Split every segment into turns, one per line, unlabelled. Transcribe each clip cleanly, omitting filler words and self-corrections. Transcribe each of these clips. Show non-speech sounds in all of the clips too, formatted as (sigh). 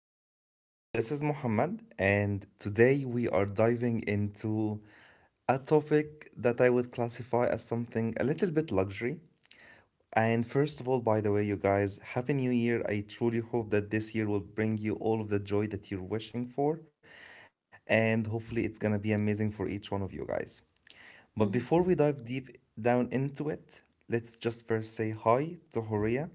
Everyone. This is Muhammad, and today we are diving into a topic that I would classify as something a little bit luxury, and first of all, by the way, you guys, Happy New Year. I truly hope that this year will bring you all of the joy that you're wishing for. And hopefully, it's going to be amazing for each one of you guys. But
Mhm.
before we dive deep down into it, let's just first say hi to Horia,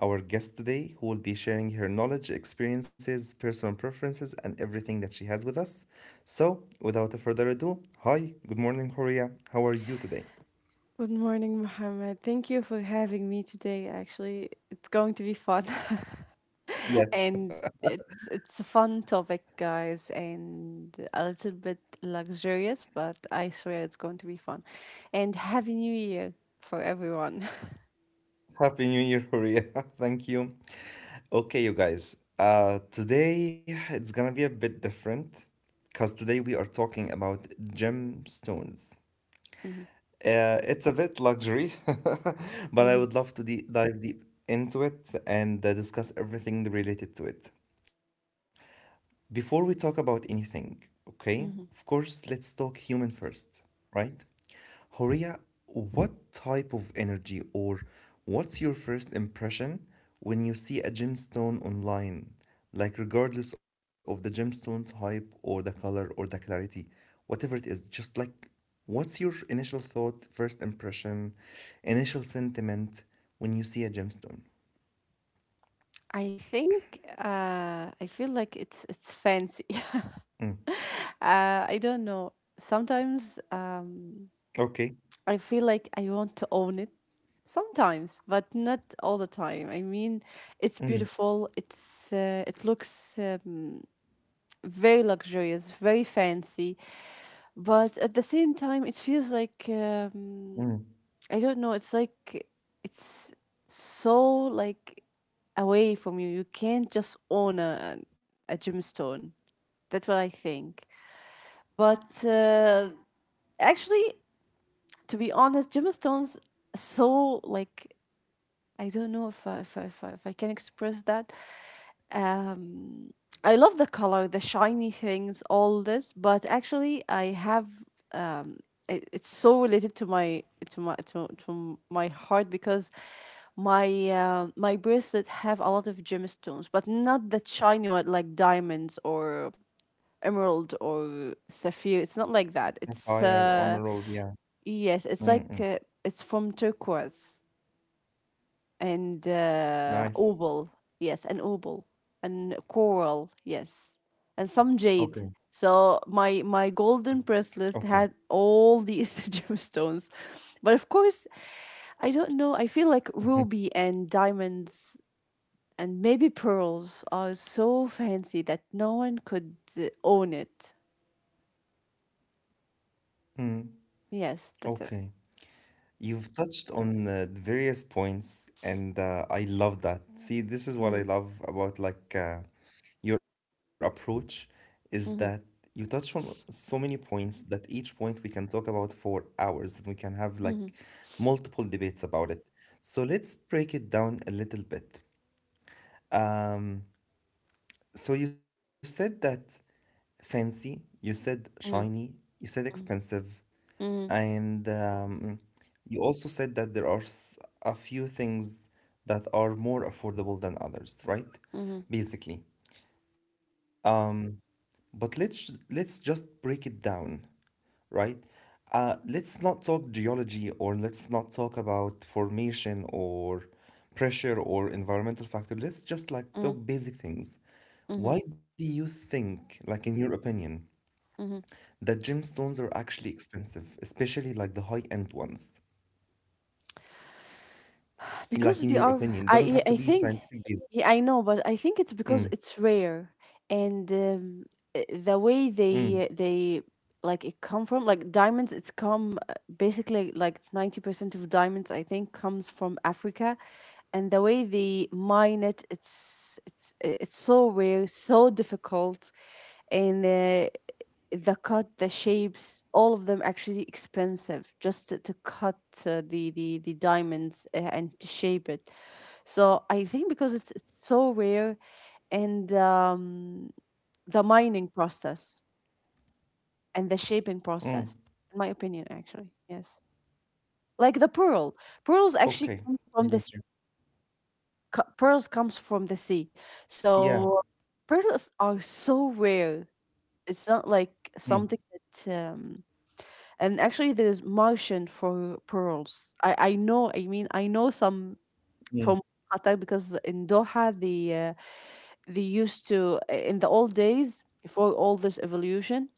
our guest today, who will be sharing her knowledge, experiences, personal preferences, and everything that she has with us. So, without a further ado, hi, good morning, Horia. How are you today?
Good morning, Mohammed. Thank you for having me today. Actually, it's going to be fun, (laughs)
Yes.
and it's a fun topic, guys, and a little bit luxurious, but I swear it's going to be fun. And happy New Year for everyone. (laughs)
Happy New Year, Horia. (laughs) Thank you. Okay, you guys. Today it's gonna be a bit different because today we are talking about gemstones.
Mhm,
It's a bit luxury, (laughs) but I
mhm,
would love to dive deep into it and discuss everything related to it. Before we talk about anything, okay, of
mhm.
course, let's talk human first, right? Horia, what type of energy or what's your first impression when you see a gemstone online? Like, regardless of the gemstone type or the color or the clarity, whatever it is, just like, what's your initial thought, first impression, initial sentiment when you see a gemstone?
I think I feel like it's fancy. (laughs) I don't know. Sometimes
Okay.
I feel like I want to own it. Sometimes, but not all the time. I mean,
Mm,
it's beautiful. It's it looks very luxurious, very fancy, but at the same time, it feels like,
mm.
I don't know. It's like it's, so, like, away from you. You can't just own a gemstone. That's what I think. But actually, to be honest, gemstones, so like, I don't know if I can express that. Um, I love the color, the shiny things, all this, but actually I have, um, it's so related to my, to my heart because my bracelet have a lot of gemstones, but not that shiny one like diamonds or emerald or sapphire. It's not like that. It's
Sapphire, emerald, yeah.
yes, it's like
Mm, mm.
it's from turquoise and opal.
Nice.
Yes, and opal and coral.
Okay,
Yes, and some jade. So my
okay,
golden press list had all these (laughs) gemstones, but of course, I don't know. I feel like ruby and diamonds and maybe pearls are so fancy that no one could own it. Yes, that's it.
okay. You've touched on the various points, and I love that. See, this is
Mm-hmm,
what I love about like your approach is that
mm-hmm,
you touch on so many points that each point we can talk about for hours, and we can have like
mm-hmm,
multiple debates about it. So let's break it down a little bit. Um, so you said that fancy, you said shiny, you said
mm-hmm,
expensive.
mm-hmm,
And you also said that there are a few things that are more affordable than others, right?
mm-hmm,
Basically. But let's just break it down, right? Let's not talk geology, or let's not talk about formation or pressure or environmental factor. Let's just like talk basic
mm-hmm,
things. Why do you think, like in your opinion,
mm-hmm.
that gemstones are actually expensive, especially like the high-end ones?
Because they are,
Like, in
I
your
I think,
opinion, it doesn't have to be
yeah, I know,
scientific
but
based.
I think it's because it's rare,
Mm,
and the way they
mm,
they like it come from, like, diamonds. It's come, basically, like 90% of diamonds, I think, comes from Africa, and the way they mine it, it's so rare, so difficult, and the cut, the shapes, all of them actually expensive just to cut the diamonds, and to shape it. So I think because it's so rare and, the mining process and the shaping process, in my
mm.
opinion, actually, yes. Like pearls actually come from the
Okay,
sea.
I got you.
Pearls comes from the sea. So
Yeah.
pearls are so rare. It's not like something
Mm,
that and actually there's Martian for pearls. I know. I mean, I know some from Qatar
mm,
because in Doha uh, they used to, in the old days before all this evolution.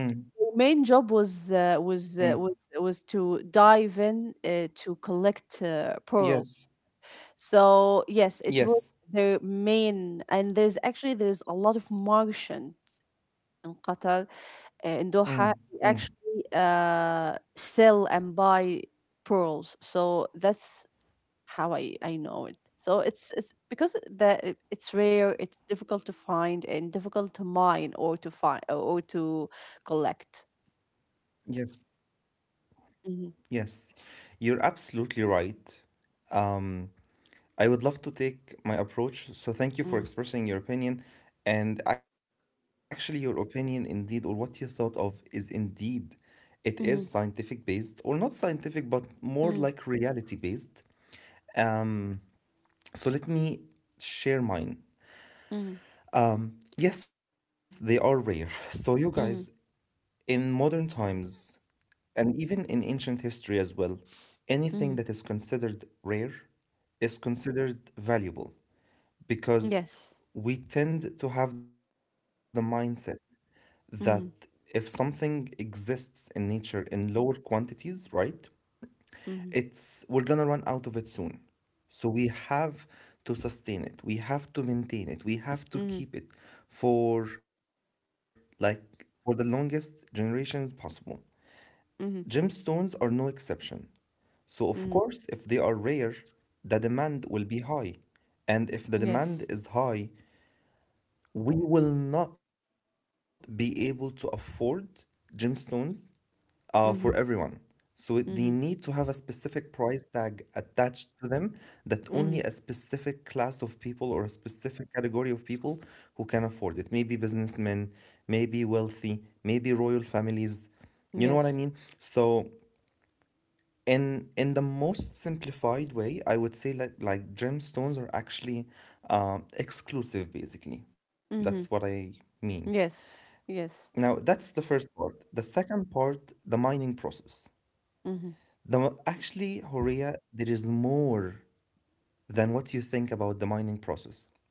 mm,
Their main job was uh, was, uh, was
mm.
was to dive in, to collect pearls.
Yes,
So yes, it was their
yes.
main. And there's a lot of Martian in Qatar, in Doha, we
Mm,
actually
mm.
sell and buy pearls. So that's how I know it. So it's because it's rare, it's difficult to find and difficult to mine or to find or to collect.
Yes,
Mhm,
yes. You're absolutely right. Um, I would love to take my approach. So thank you for
mm,
expressing your opinion. And actually, your opinion, indeed, or what you thought of, is indeed, it is scientific
mhm,
based, or not scientific, but more like
mm,
reality based. So let me share mine.
mhm,
Yes, they are rare. So, you guys,
mhm,
in modern times and even in ancient history as well, anything that is
mhm.
considered rare is considered valuable, because
Yes.
we tend to have the mindset that if
Mhm,
something exists in nature in lower quantities, right? it's
mhm,
we're gonna run out of it soon. So we have to sustain it. We have to maintain it. We have to
mhm,
keep it for the longest generations possible.
mhm,
Gemstones are no exception. So of course, if
mhm.
they are rare, the demand will be high. And if the demand
Yes.
is high, we will not be able to afford gemstones for everyone.
Mhm,
So they need to have a
mhm,
specific price tag attached to them that only a
mhm.
specific class of people or a specific category of people who can afford it. Maybe businessmen, maybe wealthy, maybe royal families. You know what I mean?
Yes.
So in the most simplified way, I would say like gemstones are actually exclusive, basically.
Mhm.
That's what I mean.
Yes. Yes.
Now, that's the first part. The second part, the mining process.
Mhm.
Actually, Horia, there is more than what you think about the mining process.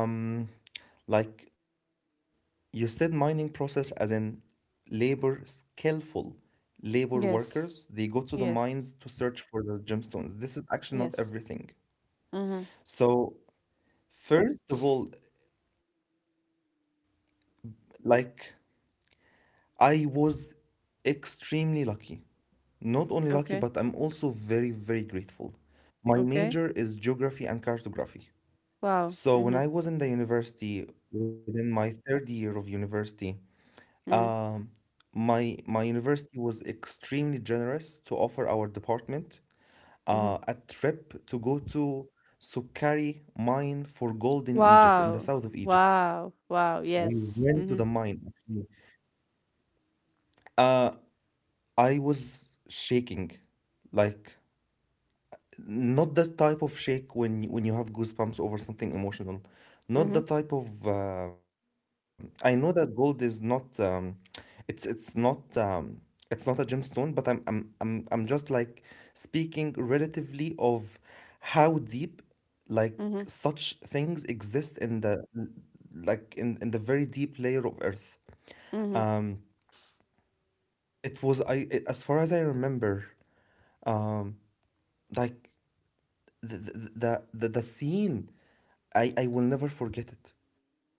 Um, like you said, mining process as in labor, skillful labor workers,
Yes.
they go to the
Yes.
mines to search for the gemstones. This is actually not
Yes.
everything.
Mm-hmm.
So, first of all, like, I was extremely lucky. Not only lucky, but I'm
Okay.
very, very grateful. My major is
Okay.
geography and cartography. So when
Wow.
I was
Mm-hmm.
in the university, within my third year of university, um,
Mm-hmm.
my university was extremely generous to offer our department
Mm-hmm.
a trip to go to Sukari mine for gold in Egypt, in
Wow.
the south of Egypt.
Wow.
We
Wow.
went to the
Yes.
mine
Mm-hmm.
actually. Uh, I was shaking, like not that type of shake when you have goosebumps over something emotional, not
Mm-hmm.
the type of— I know that gold is not— it's it's not um, it's not a gemstone, but I'm just like speaking relatively of how deep, like,
Mm-hmm.
such things exist in the very deep layer of earth.
Mm-hmm.
um it was— I it, as far as I remember— um like the scene, I will never forget it.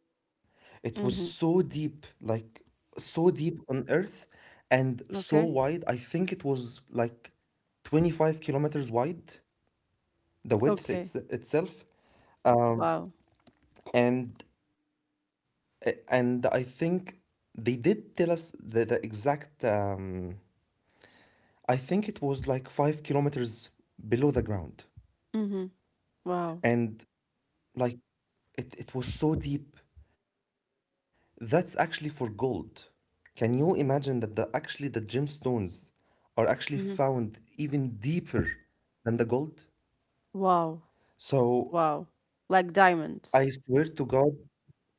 It was so deep,
Mm-hmm.
like so deep on Earth, and so wide. I
Okay.
think it was like 25 kilometers wide, the width
Okay.
itself. Um,
Wow.
and and I think they did tell us the exact— I think it was like 5 kilometers below the ground.
Mm-hmm. Wow.
And, like, it was so deep, that's actually for gold. Can you imagine that the actually the gemstones are actually found
Mm-hmm.
even deeper than the gold?
Wow.
So
Wow. Like diamonds.
I swear to God,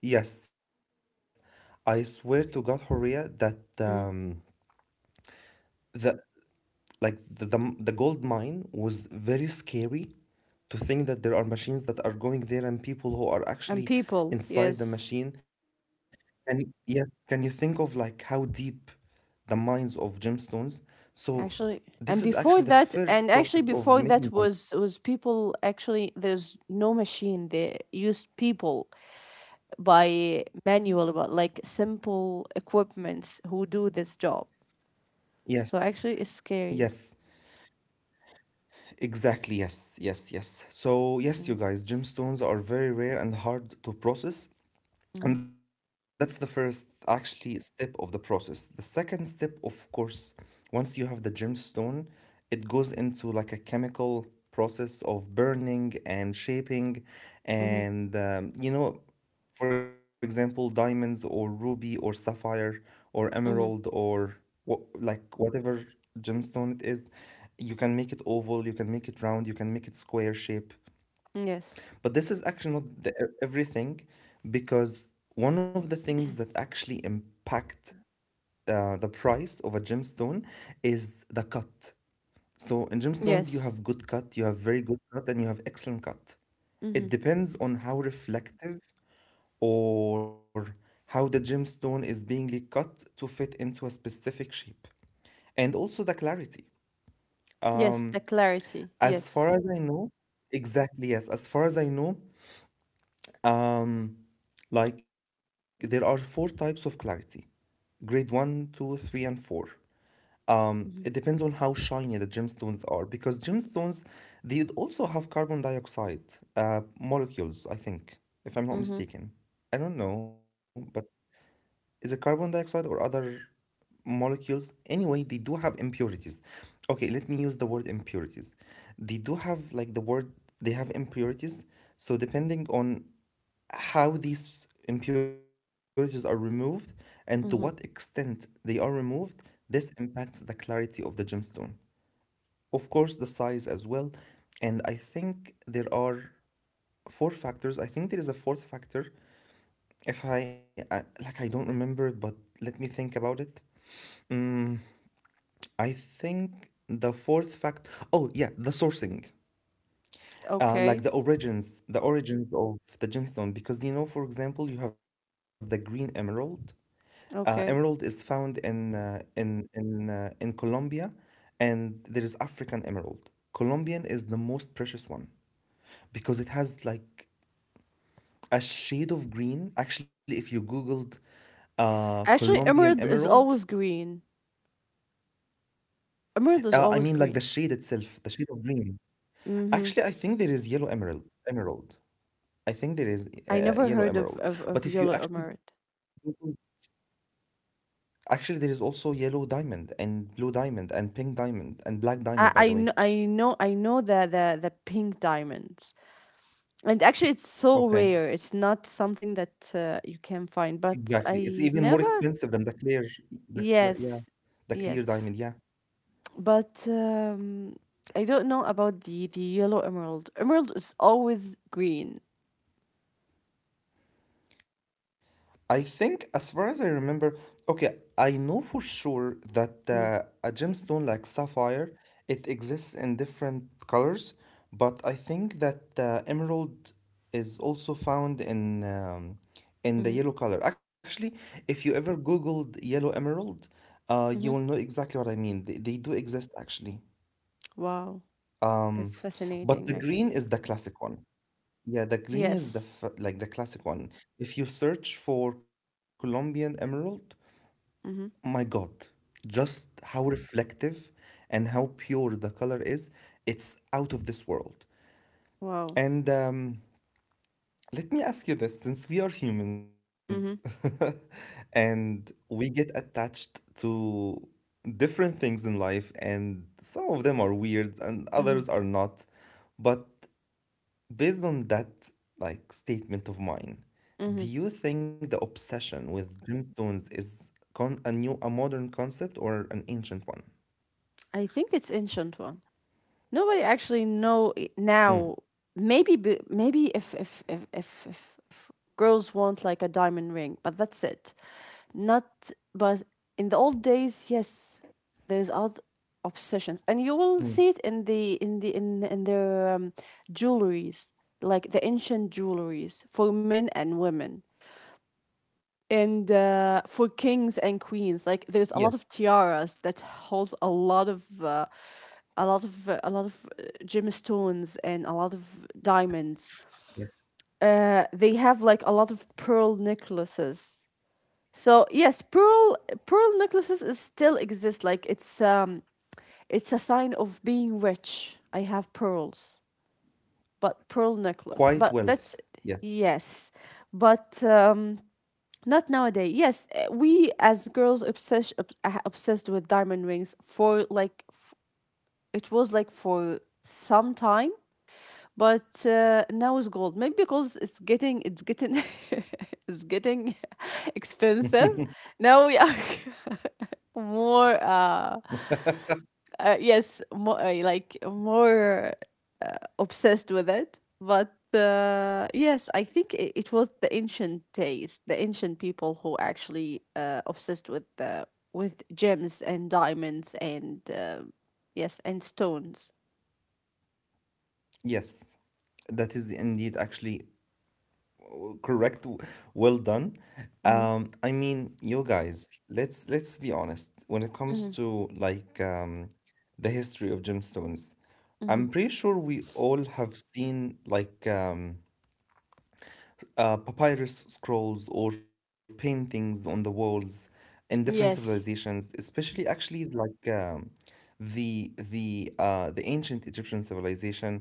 yes, I swear to God, Horia, that um,
Mm-hmm.
the like the gold mine was very scary, to think that there are machines that are going there and people who are
And
actually
people.
inside the
Yes.
machine. And yes, can you think of like how deep the mines of gemstones. So
Actually,
this is
and
actually the
before that,
first
and
process
actually
of
before
making one.
that was people. Actually, there's no machine. They used people by manual but like simple equipments who do this job,
Yes
so actually it's scary.
Yes, exactly. Yes, yes, yes. So, yes, you
Mm,
guys, gemstones are very rare and hard to process.
mhm,
And that's the first actually step of the process. The second step, of course, once you have the gemstone, it goes into like a chemical process of burning and shaping
mhm,
and for example diamonds or ruby or sapphire or
mhm.
emerald or what like whatever gemstone it is, you can make it oval, you can make it round, you can make it square.
Yes.
But this is actually not everything, because one of the things that actually impact the price of a gemstone is the cut. So in gemstones, you
Yes.
have good cut, you have very good cut, and you have excellent cut. It
Hmm.
depends on how reflective or how the gemstone is being cut to fit into a specific shape. And also the clarity.
Yes, the clarity,
As far
yes.
as I know, exactly, yes. As far as I know, um, like there are four types of clarity: grade one, two, three, and 4. It depends
Hmm.
on how shiny the gemstones are, because gemstones, they would also have carbon dioxide molecules, I think, if I'm not
Hmm.
mistaken. I don't know, but is it carbon dioxide or other molecules? Anyway, they do have impurities. Okay, let me use the word impurities. They do have, like, the word— they have impurities. So depending on how these impurities are removed and to what extent
Hmm.
they are removed, this impacts the clarity of the gemstone. Of course, the size as well. And I think there are four factors. I think there is a fourth factor. If I, I like, I don't remember it, but let me think about it. I think the fourth fact— oh, yeah, the sourcing. Like
Okay.
the origins of the gemstone, because, you know, for example, you have the green emerald. Emerald is
Okay.
found in Colombia, and there is African emerald. Colombian is the most precious one because it has like a shade of green. Actually, if you googled
Actually,
Colombian
emerald is
emerald,
always green.
I
Emerald is
mean like
always
the
green.
shade itself, the shade of green.
Mm-hmm.
Actually, I think there is yellow emerald. Emerald. I think there is
I never
yellow
heard of,
emerald.
of,
But
of
if you
yellow
actually
emerald.
Google, actually there is also yellow diamond and blue diamond and pink diamond and black diamond, by
I,
the
I,
way.
kn- I know I know the pink diamond. And actually, it's so rare. It's
Okay.
not something that you can find. But
Exactly. It's
I
even more
never.
expensive than the clear—
Yes,
yeah, the
yes.
clear diamond. Yeah.
But I don't know about the yellow emerald. Emerald is always green.
I think, as far as I remember, okay, I know for sure that
Mm-hmm.
a gemstone like it exists in different colors, but I think that emerald is also found in the yellow color. Actually, if you ever Googled yellow emerald, you will know
Hmm.
exactly what I mean. They do exist actually.
Wow, that's
Um, but
fascinating.
the
Actually,
green is the classic one. Yeah, the green is the
yes.
f like the classic one. If you search for Colombian emerald,
Mm-hmm.
my God, just how reflective and how pure the color is, it's out of this world.
Wow.
And Let me ask you this, since we are humans
Mm-hmm,
(laughs) and we get attached to different things in life, and some of them are weird and others
mm-hmm,
are not, but based on that like statement of mine, do
mm-hmm.
you think the obsession with gemstones is con a new a modern concept or an ancient one?
I think it's ancient one. Nobody actually know,
Mm.
now. Maybe, maybe if girls want like a diamond ring, but that's it. Not, but in the old days, yes, there's other obsessions, and you will
Mm.
see it in their, jewelries, like the ancient jewelries for men and women, and for kings and
Yes,
queens, like there's a lot of tiaras that holds a lot of, gemstones, and a lot of diamonds,
yes.
they have like a lot of pearl necklaces. So yes, pearl necklaces is still exist, like it's, it's a sign of being rich. I have pearls, but pearl necklace,
Quiet
but that's,
wealth. Yes.
yes, but not nowadays. Yes, we as girls, obsessed with diamond rings for like, it was like for some time, but now it's gold. Maybe because it's getting, (laughs) it's getting (laughs) expensive. Now we are (laughs) more, yes, like more, obsessed with it. But yes, I think it, was the ancient days, the ancient people who actually obsessed with the, with gems and diamonds and, yes, and stones.
Yes. That is indeed actually correct. Well done.
Mm-hmm.
I mean, you guys, let's be honest. When it comes
Mm-hmm.
to like the history of gemstones,
Mm-hmm.
I'm pretty sure we all have seen like papyrus scrolls or paintings on the walls in different
Yes.
civilizations, especially actually like the ancient Egyptian civilization.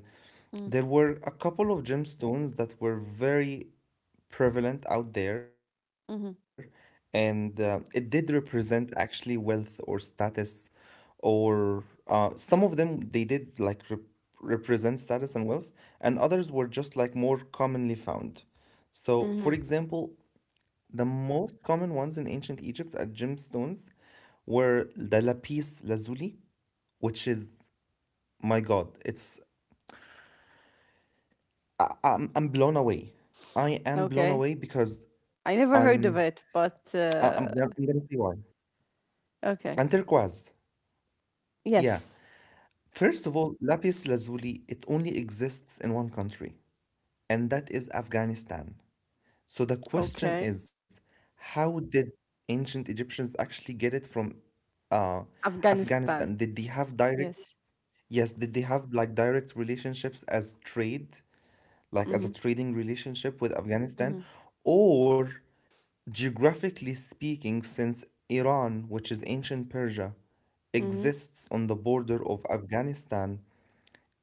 There were a couple of gemstones that were very prevalent out there,
Mm-hmm.
and it did represent actually wealth or status, or some of them they did like represent status and wealth, and others were just like more commonly found. So,
Mm-hmm.
for example, the most common ones in ancient Egypt at gemstones were the lapis lazuli, which is, my god, it's I'm blown away. I am blown
Okay.
away because
I never
I'm
heard of it, but
I- I'm, am I am gonna say why.
okay.
Turquoise. Yeah.
Yes.
First of all, lapis lazuli, it only exists in one country, and that is Afghanistan. So the question
Okay.
is, how did ancient Egyptians actually get it from uh, Afghanistan?
Afghanistan.
Did they have direct,
Yes.
yes, did they have like direct relationships as trade, like as a
Mm-hmm.
trading relationship with
Mm-hmm.
Afghanistan? Or geographically speaking, since Iran, which is ancient Persia,
Mm-hmm.
exists on the border of Afghanistan,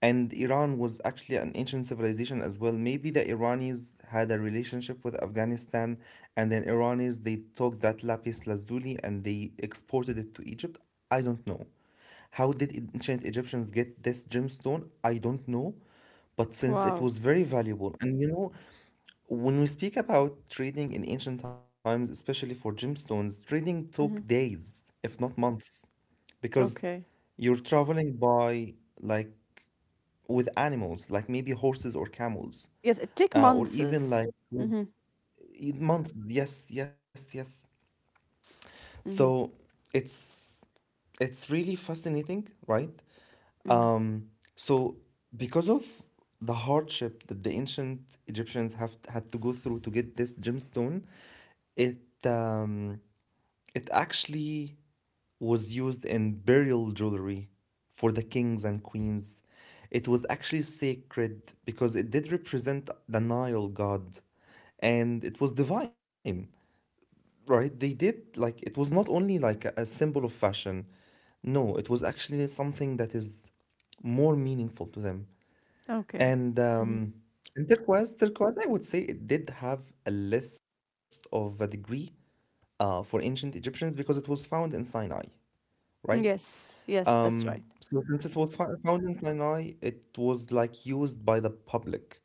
and Iran was actually an ancient civilization as well, maybe the Iranis had a relationship with Afghanistan, and then Iranis they took that lapis lazuli and they exported it to Egypt. I don't know. How did ancient Egyptians get this gemstone? I don't know. But since it
Wow.
was very valuable, and you know, when we speak about trading in ancient times, especially for gemstones, trading took
Mhm.
days, if not months, because
Okay.
you're traveling by like with animals, like maybe horses or camels,
Yes, it take
or
months.
even like with
Mm-hmm.
months. Yes, yes, yes.
Mm-hmm.
So it's it's really fascinating, right?
Mm-hmm.
Um, so because of the hardship that the ancient Egyptians have had to go through to get this gemstone, it um, it actually was used in burial jewelry for the kings and queens. It was actually sacred because it did represent the Nile god and it was divine, right? They did like it was not only like a symbol of fashion. No, it was actually something that is more meaningful to them.
Okay.
And
Mm-hmm.
In turquoise, turquoise, I would say it did have a list of a degree for ancient Egyptians because it was found in Sinai, right?
Yes. Yes, that's
Um,
right.
so since it was found in Sinai, it was like used by the public,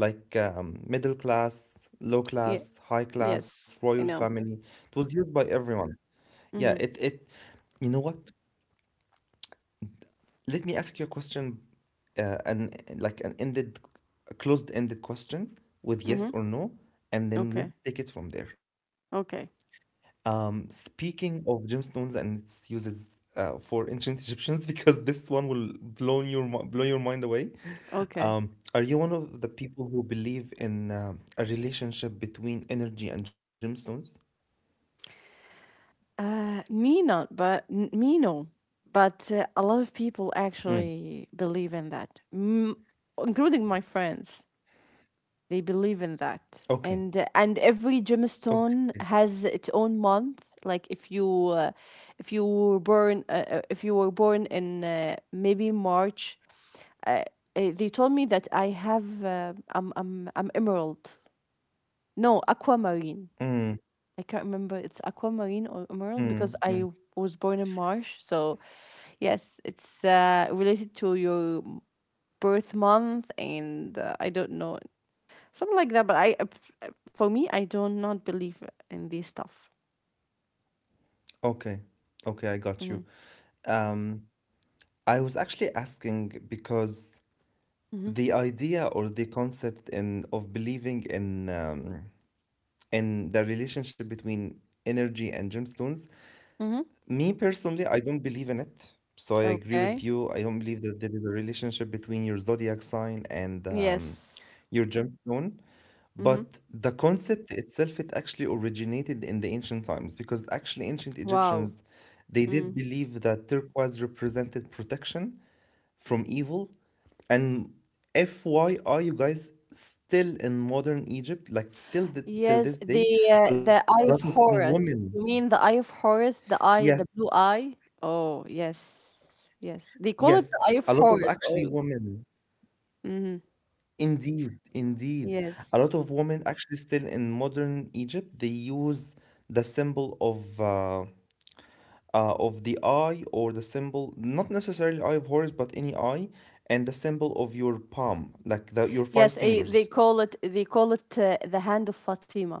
like middle class, low
Yeah.
class, high class,
Yes,
royal
I know.
family. Was used by everyone. Yeah,
Mm-hmm.
it it. You know what? Let me ask you a question, an like an ended, a closed-ended question with
Mm-hmm.
yes or no, and then
Okay.
let's take it from there.
Okay.
Speaking of gemstones and its uses for ancient Egyptians, (laughs) because this one will blow your blow your mind away.
Okay.
Are you one of the people who believe in a relationship between energy and gemstones?
Me not, but, me no. But a lot of people
Mm.
actually believe in that, including my friends. They believe in that.
Okay.
And every
Okay.
gemstone has its own month. Like, if you were born, in maybe March. uh, they told me that I have, I'm emerald. No, aquamarine.
Mm,
I can't remember it's aquamarine or emerald
mm,
because
mm.
I was born in March. So yes, it's, related to your birth month, and I don't know, something like that. But for me, I do not believe in this stuff.
Okay. Okay, I got
Hmm.
you. Um, I was actually asking because
Mm-hmm.
the idea or the concept in of believing in and the relationship between energy and gemstones.
Mm-hmm.
Me personally, I don't believe in it. So I agree with
Okay.
you. I don't believe that there is a relationship between your zodiac sign and
Yes.
your gemstone.
Mm-hmm.
But the concept itself, it actually originated in the ancient times because actually ancient
Wow.
Egyptians, they
Mm.
did believe that turquoise represented protection from evil. And FYI, you guys, still in modern Egypt, like still th till
Yes,
this
the,
day, a lot of
Eye of
women,
Horus. You mean the Eye of Horus, the
yes,
eye, the blue eye? Oh, yes. Yes. They call
yes,
it the Eye
a
of
lot of
Horus.
actually
Oh.
women,
Mm-hmm.
indeed, indeed, a lot
Yes.
of women actually still in modern Egypt, they use the symbol of the eye or the symbol, not necessarily eye of Horus, but any eye, and the symbol of your palm, like your
Yes,
five
they
fingers.
call it they call it uh, the hand of Fatima.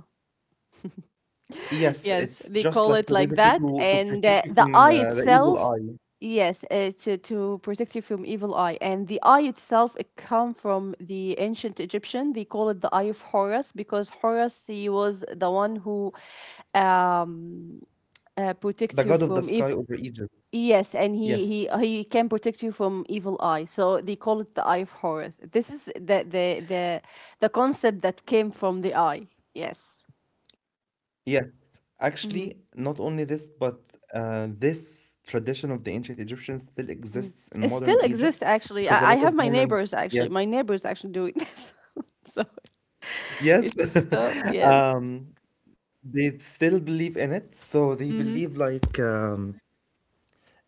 Yes, it's
Yes, they
just like
call
to
it
basically
like that.
to protect
And
you
uh,
from
the eye
the evil eye,
itself, yes, to protect you from evil eye. And the eye itself, it come from the ancient Egyptian. They call it the Eye of Horus because Horus, he was the one who, um,
the
protect
god
you
of the
from
sky
evil.
over Egypt.
Yes, and he, he
Yes,
he can protect you from evil eye. So they call it the Eye of Horus. This is the concept that came from the eye. Yes.
yes. Actually,
Mm-hmm.
not only this, but this tradition of the ancient Egyptians still exists in
It
modern
still
Egypt
exists actually.
because a
I
lot of
have my
women,
neighbors
yes,
actually. My neighbors actually doing this. (laughs) So
yes,
it's so,
(laughs)
yes.
um, they still believe in it. So they
Hmm.
believe like um,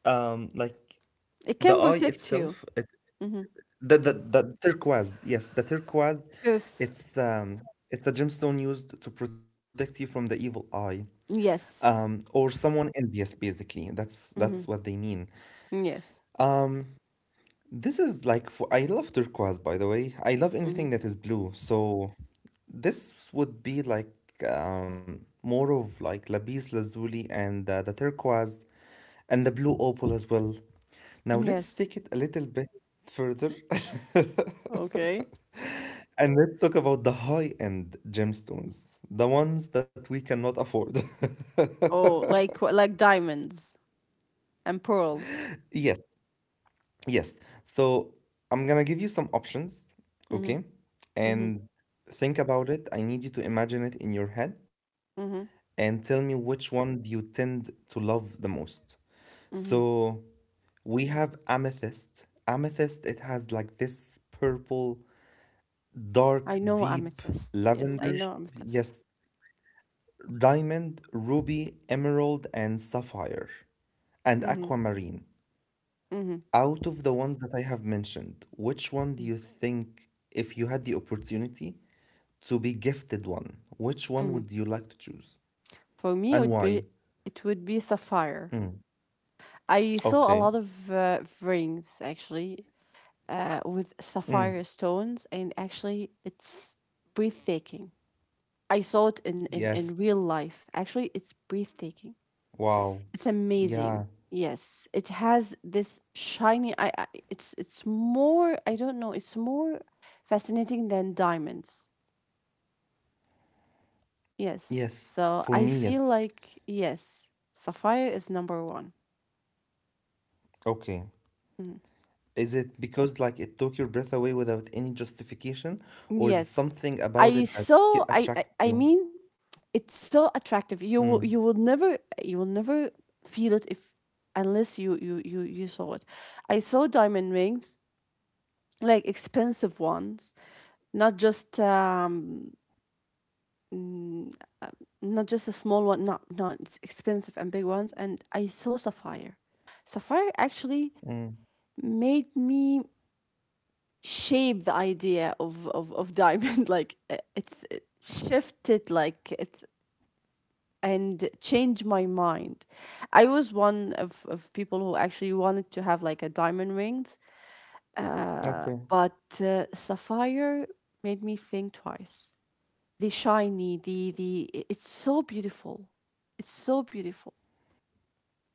um, like
It
the
can
eye
protect you.
itself.
Hmm.
The turquoise, yes, the turquoise.
Yes.
It's um it's a gemstone used to protect you from the evil eye.
Yes.
Or someone envious, basically. That's
Hmm.
what they mean.
Yes.
This is like for I love turquoise, by the way. I love
Hmm.
anything that is blue. So this would be like more of like lapis lazuli and the turquoise and the blue opal as well. Now let's
Yes.
take it a little bit further. (laughs)
Okay.
And let's talk about the high-end gemstones, the ones that we cannot afford. (laughs)
Oh, like, like diamonds and pearls.
Yes, yes. So I'm gonna give you some options,
Hmm.
okay?
Hmm.
And think about it. I need you to imagine it in your head
Hmm.
and tell me which one do you tend to love the most.
Hmm.
So we have amethyst. Amethyst, it has like this purple, dark,
I know
deep
amethyst. Yes,
lavender.
I know amethyst.
Yes, diamond, ruby, emerald, and sapphire, and
Hmm.
aquamarine.
Hmm.
Out of the ones that I have mentioned, which one do you think, if you had the opportunity to be gifted one, which one
Hmm.
would you like to choose
For me, it
and
would
why?
be it would be sapphire.
Mm.
I saw a
Okay.
lot of, rings actually, with
Mm.
sapphire stones, and actually, it's breathtaking. I saw it in
Yes.
real life. Actually, it's breathtaking. It's
Wow.
amazing.
Yeah.
Yes, it has this shiny. I it's more. I don't know. It's more fascinating than diamonds. Yes.
Yes.
So
For
I
me, yes.
feel like, yes, sapphire is number one.
Okay.
Mhm.
Is it because like it took your breath away without any justification, or there's
Yes.
something about
I
it that
saw
attracted
I
you?
mean, it's so attractive. You will
Mm,
you will never you will never feel it, if unless you, you saw it. I saw diamond rings, like expensive ones, not just, not just a small one, not, it's expensive and big ones, and I saw sapphire. Sapphire actually
mm.
made me shape the idea of diamond, (laughs) like, it shifted, like it's and change my mind. I was one of people who actually wanted to have like a diamond rings, uh,
Okay,
but uh, sapphire made me think twice. The shiny, it's so beautiful. It's so beautiful.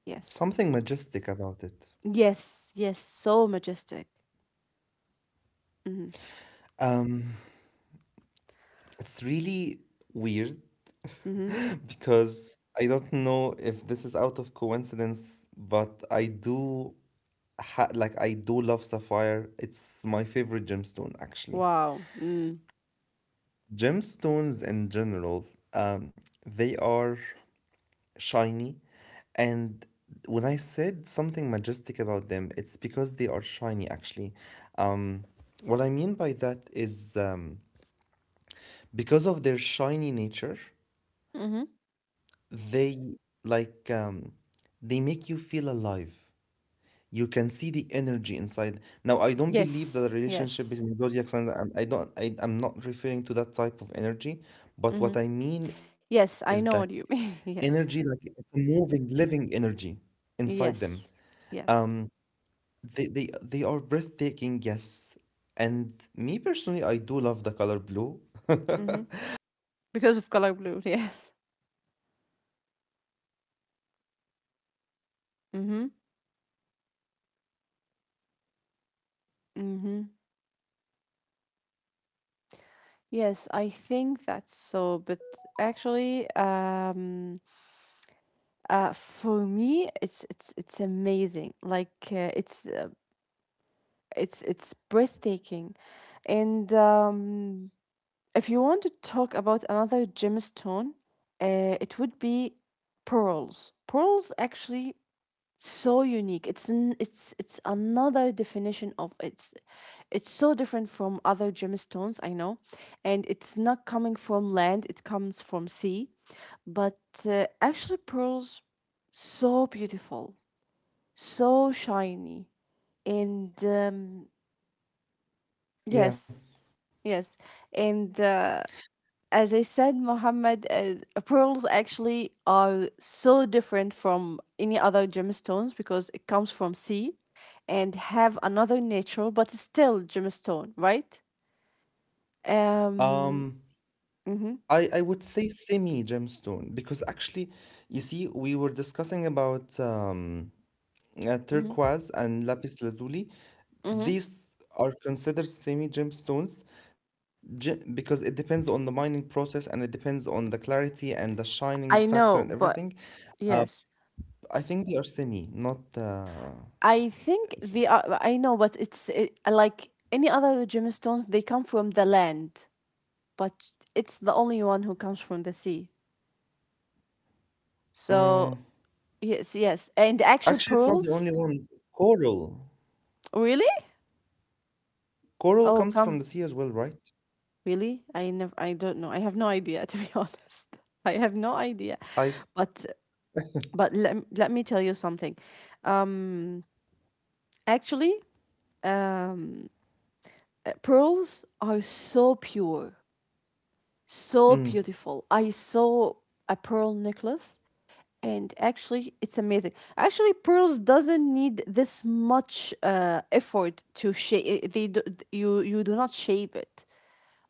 Yes.
something majestic about it.
Yes, yes, so majestic. Mm-hmm.
Um, it's really weird
Mm-hmm.
(laughs) because I don't know if this is out of coincidence, but I do ha like I do love sapphire. It's my favorite gemstone actually.
Wow. Mm.
Gemstones in general, um, they are shiny, and when I said something majestic about them, it's because they are shiny actually. Um, what I mean by that is because of their shiny nature,
Mm-hmm.
they like they make you feel alive. You can see the energy inside. Now, I don't believe that
Yes,
the relationship
yes.
between zodiac signs. I don't. I'm not referring to that type of energy. But
Mm-hmm.
what I mean is that
Yes, I know what you mean. (laughs)
energy, like
Yes.
it's a moving, living energy inside them.
Yes.
Um,
Yes.
they are breathtaking. Yes, and me personally, I do love the color blue. (laughs)
Mm-hmm.
I have
Because of
bias.
color blue, (laughs) yes. Mm-hmm. Mm-hmm. Yes, I think that's so. But actually, for me, it's amazing. Like, it's breathtaking. And, if you want to talk about another gemstone, it would be pearls. Pearls actually so unique it's another definition of it's so different from other gemstones I know, and it's not coming from land, it comes from sea. But actually pearls so beautiful, so shiny, and
Yeah.
yes. Yes, and as I said, Mohammed, pearls actually are so different from any other gemstones because it comes from sea and have another nature, but still gemstone, right? Um,
Um,
mm-hmm,
I would say semi gemstone because actually, you see, we were discussing about
mm-hmm,
turquoise and lapis lazuli.
mm-hmm.
These are considered semi gemstones because it depends on the mining process and it depends on the clarity and the shining
I
factor and
know, but
everything. Uh,
yes,
I think they are semi, not.
I think
If-
the I know, but it's it, like any other gemstones, they come from the land, but it's the only one who comes from the sea. So
mm,
yes, yes, and actual
actually, it's not the
pearls.
only one. Coral.
Really?
Coral
Oh,
comes
come.
from the sea as well, right?
Really? I don't know. I have no idea to be (laughs) honest. I have no idea.
I.
But let me tell you something. Um Actually, um pearls are so pure, so beautiful. I saw a pearl necklace, and actually it's amazing. Actually, pearls doesn't need this much effort to shape they do, you do not shape it,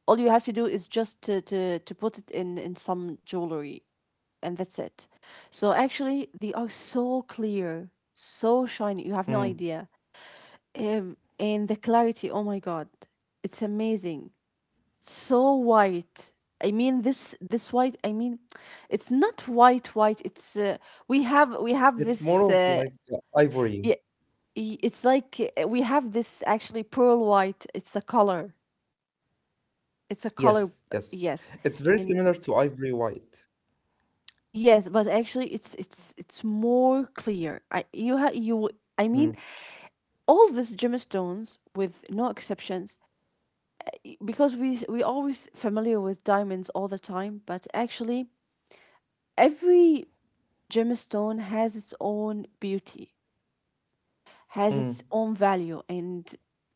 all you have to do is just to put it in some jewelry, and that's it. So actually they are so clear, so shiny, you have no
Mm,
idea. And the clarity, oh my god, it's amazing. So white. I mean this white, I mean it's not white white, it's we have this
it's more of like
y-
ivory.
it's like we have this actually pearl white, it's a color, it's a color.
Yes, yes.
Yes,
It's very
and
similar to ivory white.
yes, but actually, it's it's more clear. I you ha you I mean
Mm,
all these gemstones with no exceptions, because we always familiar with diamonds all the time, but actually every gemstone has its own beauty, has its
mm,
own value, and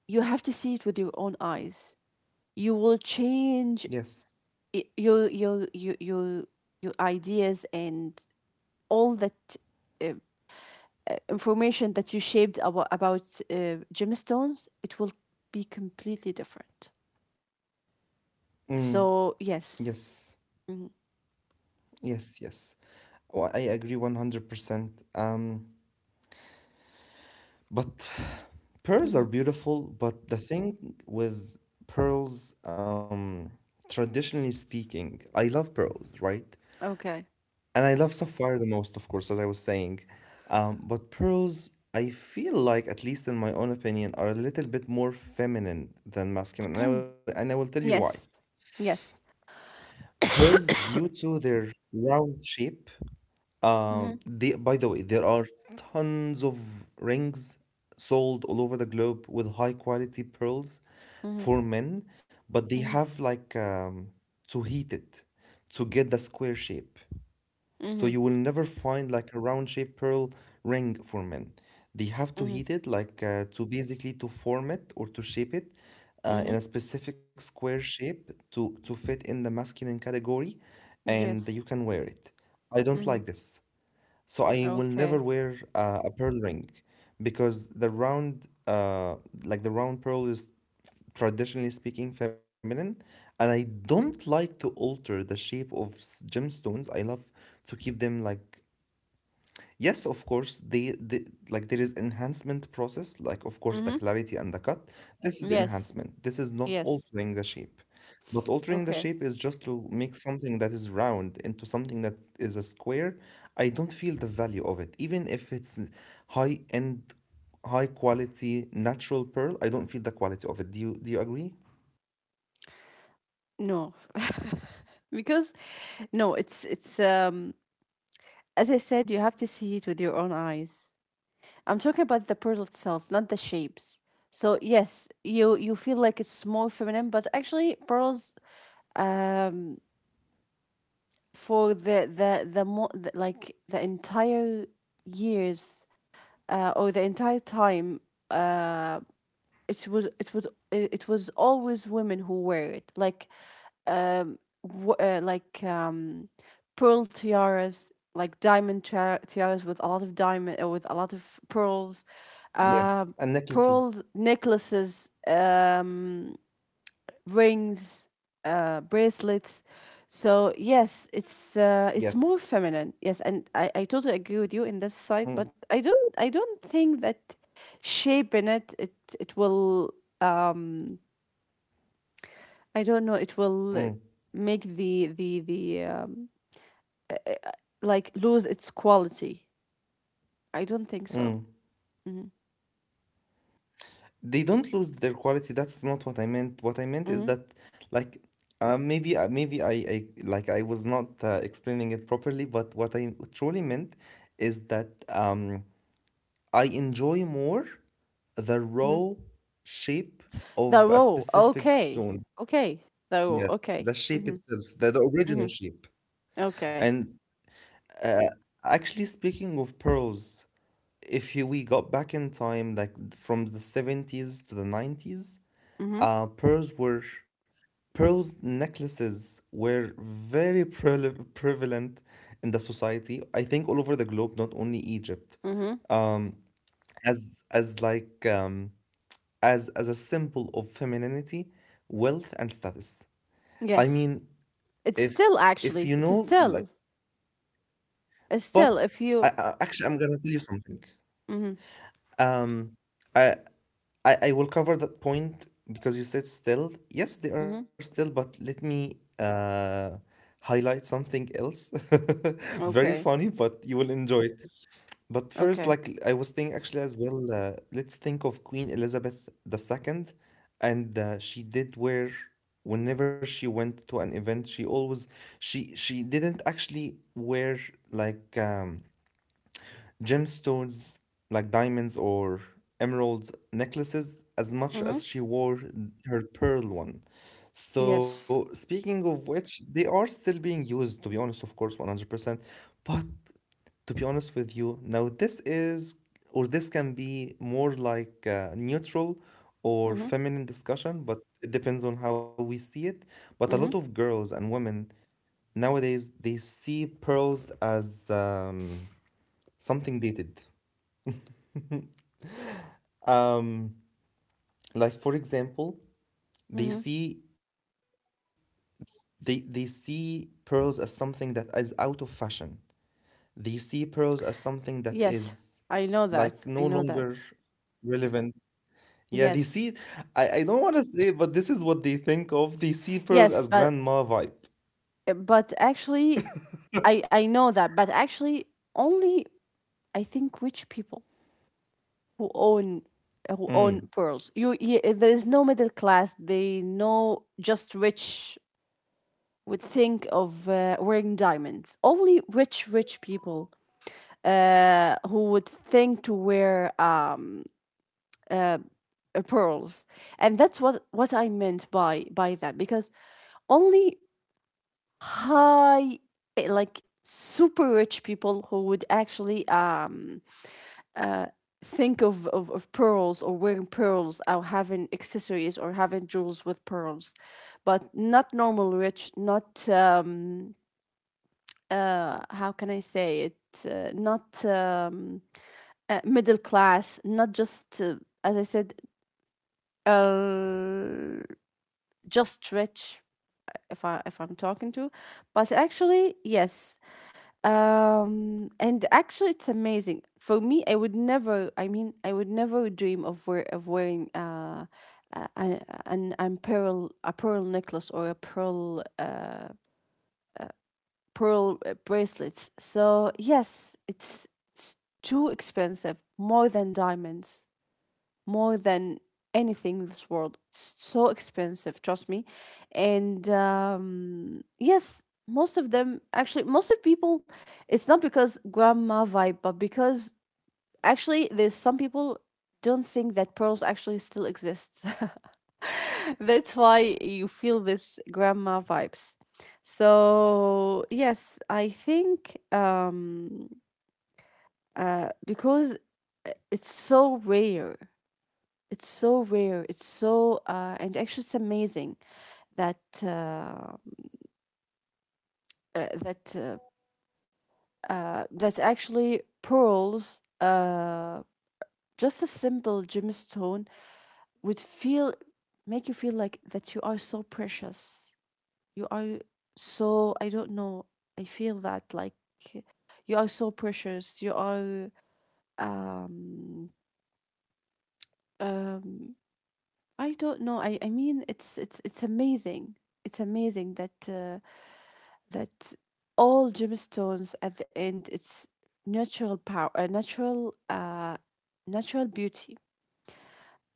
you have to see it with your own eyes. You will change
yes.
i- your your your your your ideas, and all that uh, information that you shaped about gemstones, it will be completely different.
Mm,
So, yes.
yes.
Hmm.
Yes, yes. Well, I agree 100%. But (sighs) pearls
Hmm.
are beautiful, but the thing with pearls, traditionally speaking, I love pearls, right?
Okay.
And I love Sapphire the most, of course, as I was saying. But pearls, I feel like, at least in my own opinion, are a little bit more feminine than masculine.
(clears throat)
And I will tell you why.
Yes. Yes.
Pearls, due to their round shape,
Mm-hmm.
they, by the way, there are tons of rings sold all over the globe with high quality pearls
Mm-hmm.
for men, but they
Mm-hmm.
have like to heat it to get the square shape. So
Mm-hmm.
you will never find like a round shaped pearl ring for men. They have to
Mm-hmm.
heat it like to basically to form it or to shape it in
Hmm.
a specific square shape to fit in the masculine category, and you
Yes.
can wear it. I don't
Mm-hmm.
like this. So I will
Okay.
never wear a pearl ring because the round, like the round pearl is traditionally speaking feminine, and I don't like to alter the shape of gemstones. I love to keep them like. Yes, course, they, the like there is enhancement process, like of course the
Mm-hmm.
clarity and the cut. This is
Yes.
enhancement. This is not
Yes.
altering the shape. But altering the
Okay.
shape is just to make something that is round into something that is a square. I don't feel the value it. Even if it's high end, high quality natural pearl, I don't feel the quality of it. Do you agree?
No. (laughs) Because no, it's as I said, you have to see it with your own eyes. I'm talking about the pearl itself, not the shapes. So yes, you feel like it's more feminine, but actually pearls, um for the more like the entire years, or the entire time, uh it was it was it was always women who wear it, like um like pearl tiaras, like diamond tiaras with a lot of diamond, with a lot of pearls, um
Yes. And
pearl
necklaces,
necklaces, rings, bracelets. So yes,
yes.
it's more feminine. Yes, and I totally agree with you in this
Mm,
side, but I don't think that shaping it it will um I don't know, it
mm,
will make the uh, uh, like lose its quality. I don't think so.
mm.
Mm-hmm.
They don't lose their quality. That's not what I meant. What I meant is
Mm-hmm.
that like maybe I was not explaining it properly, but what I truly meant is that I enjoy more the
Mm-hmm.
raw shape
The
of a
row.
specific
Okay.
stone.
Okay. The row.
Yes,
Okay.
the shape
Mm-hmm.
itself, the original
Mm-hmm.
shape.
Okay.
And uh, actually, speaking of pearls, if you, we got back in time like the 70s to the 90s.
Mm-hmm.
Pearls were pearls necklaces were very prevalent in the society. I think all over the globe, not only Egypt,
Mm-hmm.
as as like um, as a symbol of femininity, wealth, and status. I
Yes.
mean,
It's
if
still
if
actually,
you know, like,
it's
but
still. If you,
actually, I'm gonna tell you something.
mm-hmm,
Um, I I will cover that point because you said still. Yes, they are
mm-hmm.
still, but let me highlight something else. (laughs) Very
Okay,
funny, but you will enjoy it. But first,
okay,
like I was thinking actually as well, let's think of Queen Elizabeth the second. And she did wear, whenever she went to an event, she always, she didn't actually wear like um, gemstones like diamonds or emerald necklaces as
mm-hmm.
much as she wore her pearl one.
Yes,
So, speaking of which, they are still being used, to be honest, of course, 100%. But honest with you, now this is, or this can be more like a neutral or
mm-hmm,
feminine discussion, but it depends on how we see it. But a lot of
mm-hmm,
girls and women nowadays, they see pearls as something dated. Like for example they
mm-hmm.
see they see pearls as something that is out of fashion. They see pearls as something that
Yes,
is
I know
like
that,
no
I know that.
longer relevant. Yeah, they
Yes,
see, I don't want to say it, but this is what they think of. They see pearls
yes,
as
but
grandma vibe.
actually, I know that, but actually, only I think rich people who own, who own
Mm.
pearls. You there is no middle class. They know just rich would think of wearing diamonds. Only rich, rich people, who would think to wear pearls. And that's what I meant by that, because only high, eh, like super rich people who would actually think of pearls, or wearing pearls, or having accessories, or having jewels with pearls. But not normal rich, not, how can I say it? Not middle class, not just, as I said, uh, just rich if I if I'm talking to, but actually yes, and actually it's amazing for me. I would never. I mean, I would never dream of wear of wearing a- an pearl a pearl necklace, or a pearl bracelets. So yes, it's too expensive, more than diamonds, more than anything in this world. It's so expensive, trust me. And yes, most of them actually, most of people, it's not because grandma vibe, but because actually there's some people don't think that pearls actually still exist. (laughs) That's why you feel this grandma vibes. So yes, I think because it's so rare. It's so rare. It's so and actually it's amazing that uh, uh, that uh, that actually pearls, just a simple gemstone, would feel make you feel like that you are so precious. You are so I don't know. I feel that, like, you are so precious. You are um um I don't know. I mean it's it's amazing. It's amazing that that all gemstones at the end it's natural power, natural beauty,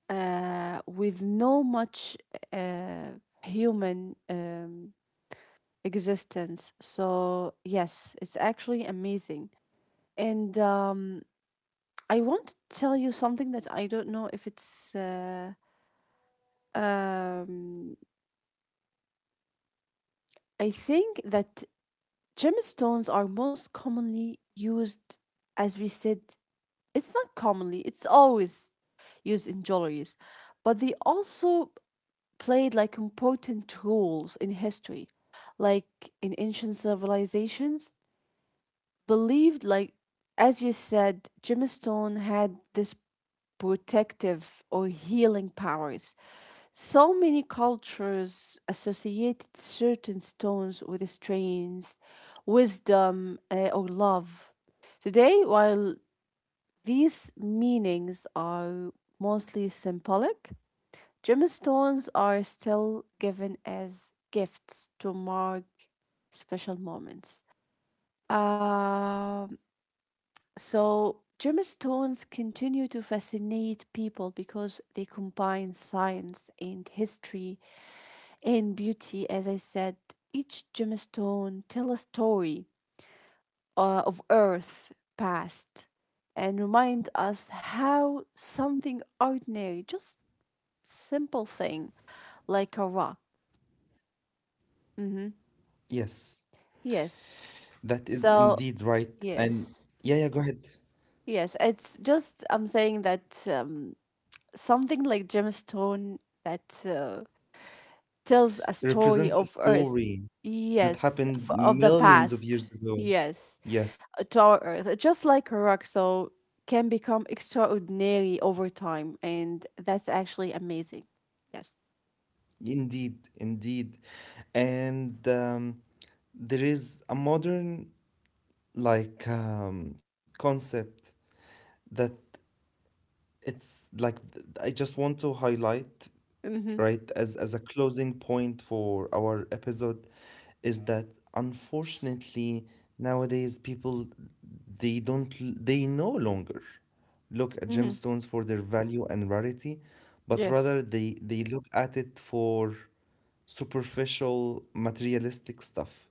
with no much uh, human existence. So yes, it's actually amazing. And I want to tell you something that I don't know if it's um, I think that gemstones are most commonly used, as we said. It's not commonly, it's always used in jewelries, but they also played like important roles in history, like in ancient civilizations. Believed, like as you said, gemstone had this protective or healing powers. So many cultures associated certain stones with strength, wisdom, or love. Today, while these meanings are mostly symbolic. Gemstones are still given as gifts to mark special moments. Um, so, gemstones continue to fascinate people because they combine science and history and beauty. As I said, each gemstone tells a story of Earth
Mm,
past, and remind
yes,
us how
yes,
something ordinary, just simple thing like a rock. Mm-hmm.
yes.
Yes.
That is
So,
indeed right. And
yes.
yeah, yeah, go ahead.
Yes. It's just, I'm saying that something like gemstone that tells a
It
story of
represents a
Earth.
story that
Yes. F-
happened
of the
millions of
past.
years ago.
Yes.
Yes,
To our earth, just like a rock, so can become extraordinary over time, and that's actually amazing. Yes.
indeed, indeed. And there is modern concept that it's like I just want to highlight,
Mm-hmm.
right, as a closing point for our episode, is that unfortunately nowadays people they don't l- they no longer look at
Mm-hmm.
gemstones for their value and rarity, but
Yes.
rather they look at it for superficial materialistic stuff.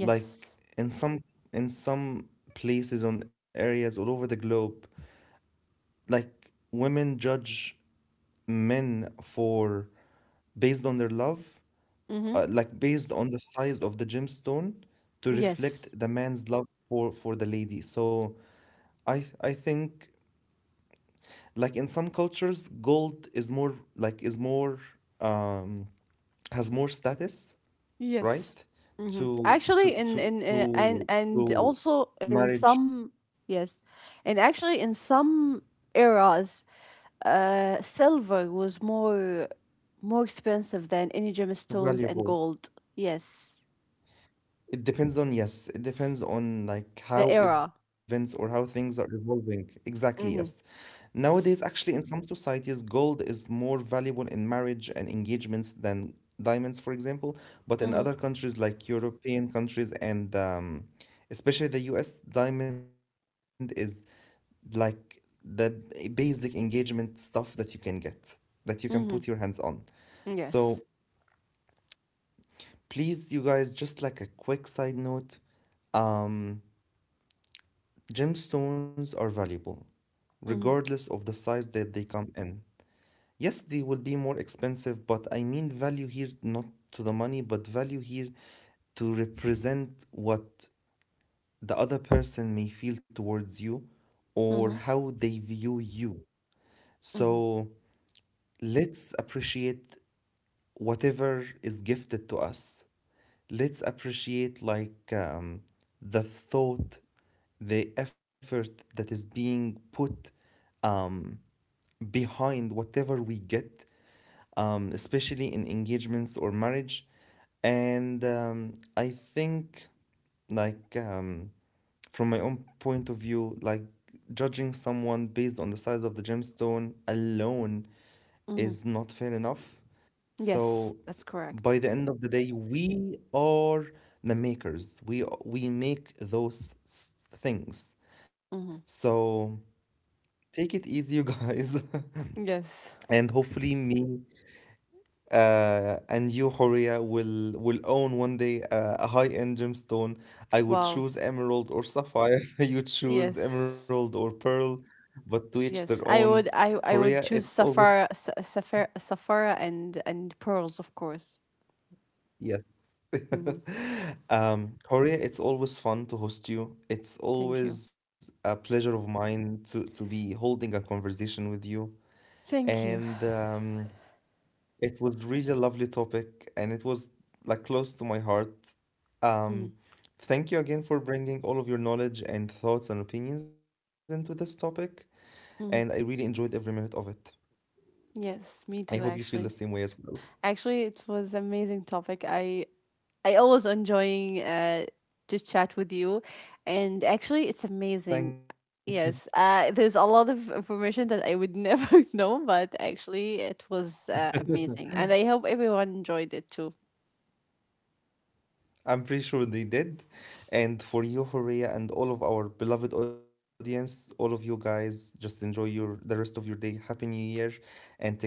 Like in some in some places on areas all over the globe, like women judge men for, based on their love,
Mm-hmm.
like based on the size of the gemstone to
Yes.
reflect the man's love for the lady. So I think like in some cultures gold is more like is more um has more status,
Yes.
right?
Mm-hmm.
To
Actually,
to
in
to to
and
to
also in
marriage
some, yes, and actually in some eras, silver was more expensive than any gemstones and
valuable.
gold. Yes,
It depends on, yes, it depends on like
the
how
era.
events or how things are evolving. Exactly, yes.
Mm-hmm.
Nowadays, actually, in some societies, gold is more valuable in marriage and engagements than diamonds, for example. But in
Mm-hmm.
other countries like European countries and especially the US, diamond is like the basic engagement stuff that you can get, that you can put your
Mm-hmm.
hands on. So
Yes.
please, you guys, just like a quick side note. um, Gemstones are valuable,
Mhm.
regardless of the size that they come in. Yes, they will be more expensive, but I mean value here not to the money, but value here to represent what the other person may feel towards you or
Mhm.
how they view you.
Mhm.
So let's appreciate whatever is gifted to us. Let's appreciate the thought, the effort that is being put. Um, Behind whatever we get, especially in engagements or marriage. And I think, like, um, from my own point of view, like, judging someone based on the size of the gemstone alone
Mhm.
is not fair enough.
Yes,
So,
that's correct.
by the end of the day, we are the makers. We make those things.
Mhm.
So take it easy, you guys,
Yes.
(laughs) and hopefully me and you, Horia, will own day a high-end gemstone. I would
Wow.
choose emerald or sapphire. (laughs) You choose emerald
Yes.
or pearl, but to each their
Yes.
own.
I
Horia,
would
it's
choose
always
Safara Sa- Safara Safara and pearls, of course.
yes.
Mhm.
(laughs) Horia, it's always fun to host you. It's
Thank you.
always a pleasure of mine to be holding a conversation with you.
Thank you.
And it was really a lovely topic and it was like close to my heart.
Mm-hmm.
Um, Thank you again for bringing all of your knowledge and thoughts and opinions into this topic, and I really enjoyed every minute of it.
Yes,
I
me
hope
too,
you feel the
actually.
same way as well.
Actually, it was amazing topic. I always enjoying to chat with you, and actually it's
Thank
amazing.
you.
Yes, there's a lot of information that I would never (laughs) know, but actually it was amazing, and I hope everyone enjoyed it too.
I'm pretty sure they did. And for you, Horea, and all of our beloved audience, all of you guys, just enjoy your the rest of your day. Happy New Year and take care.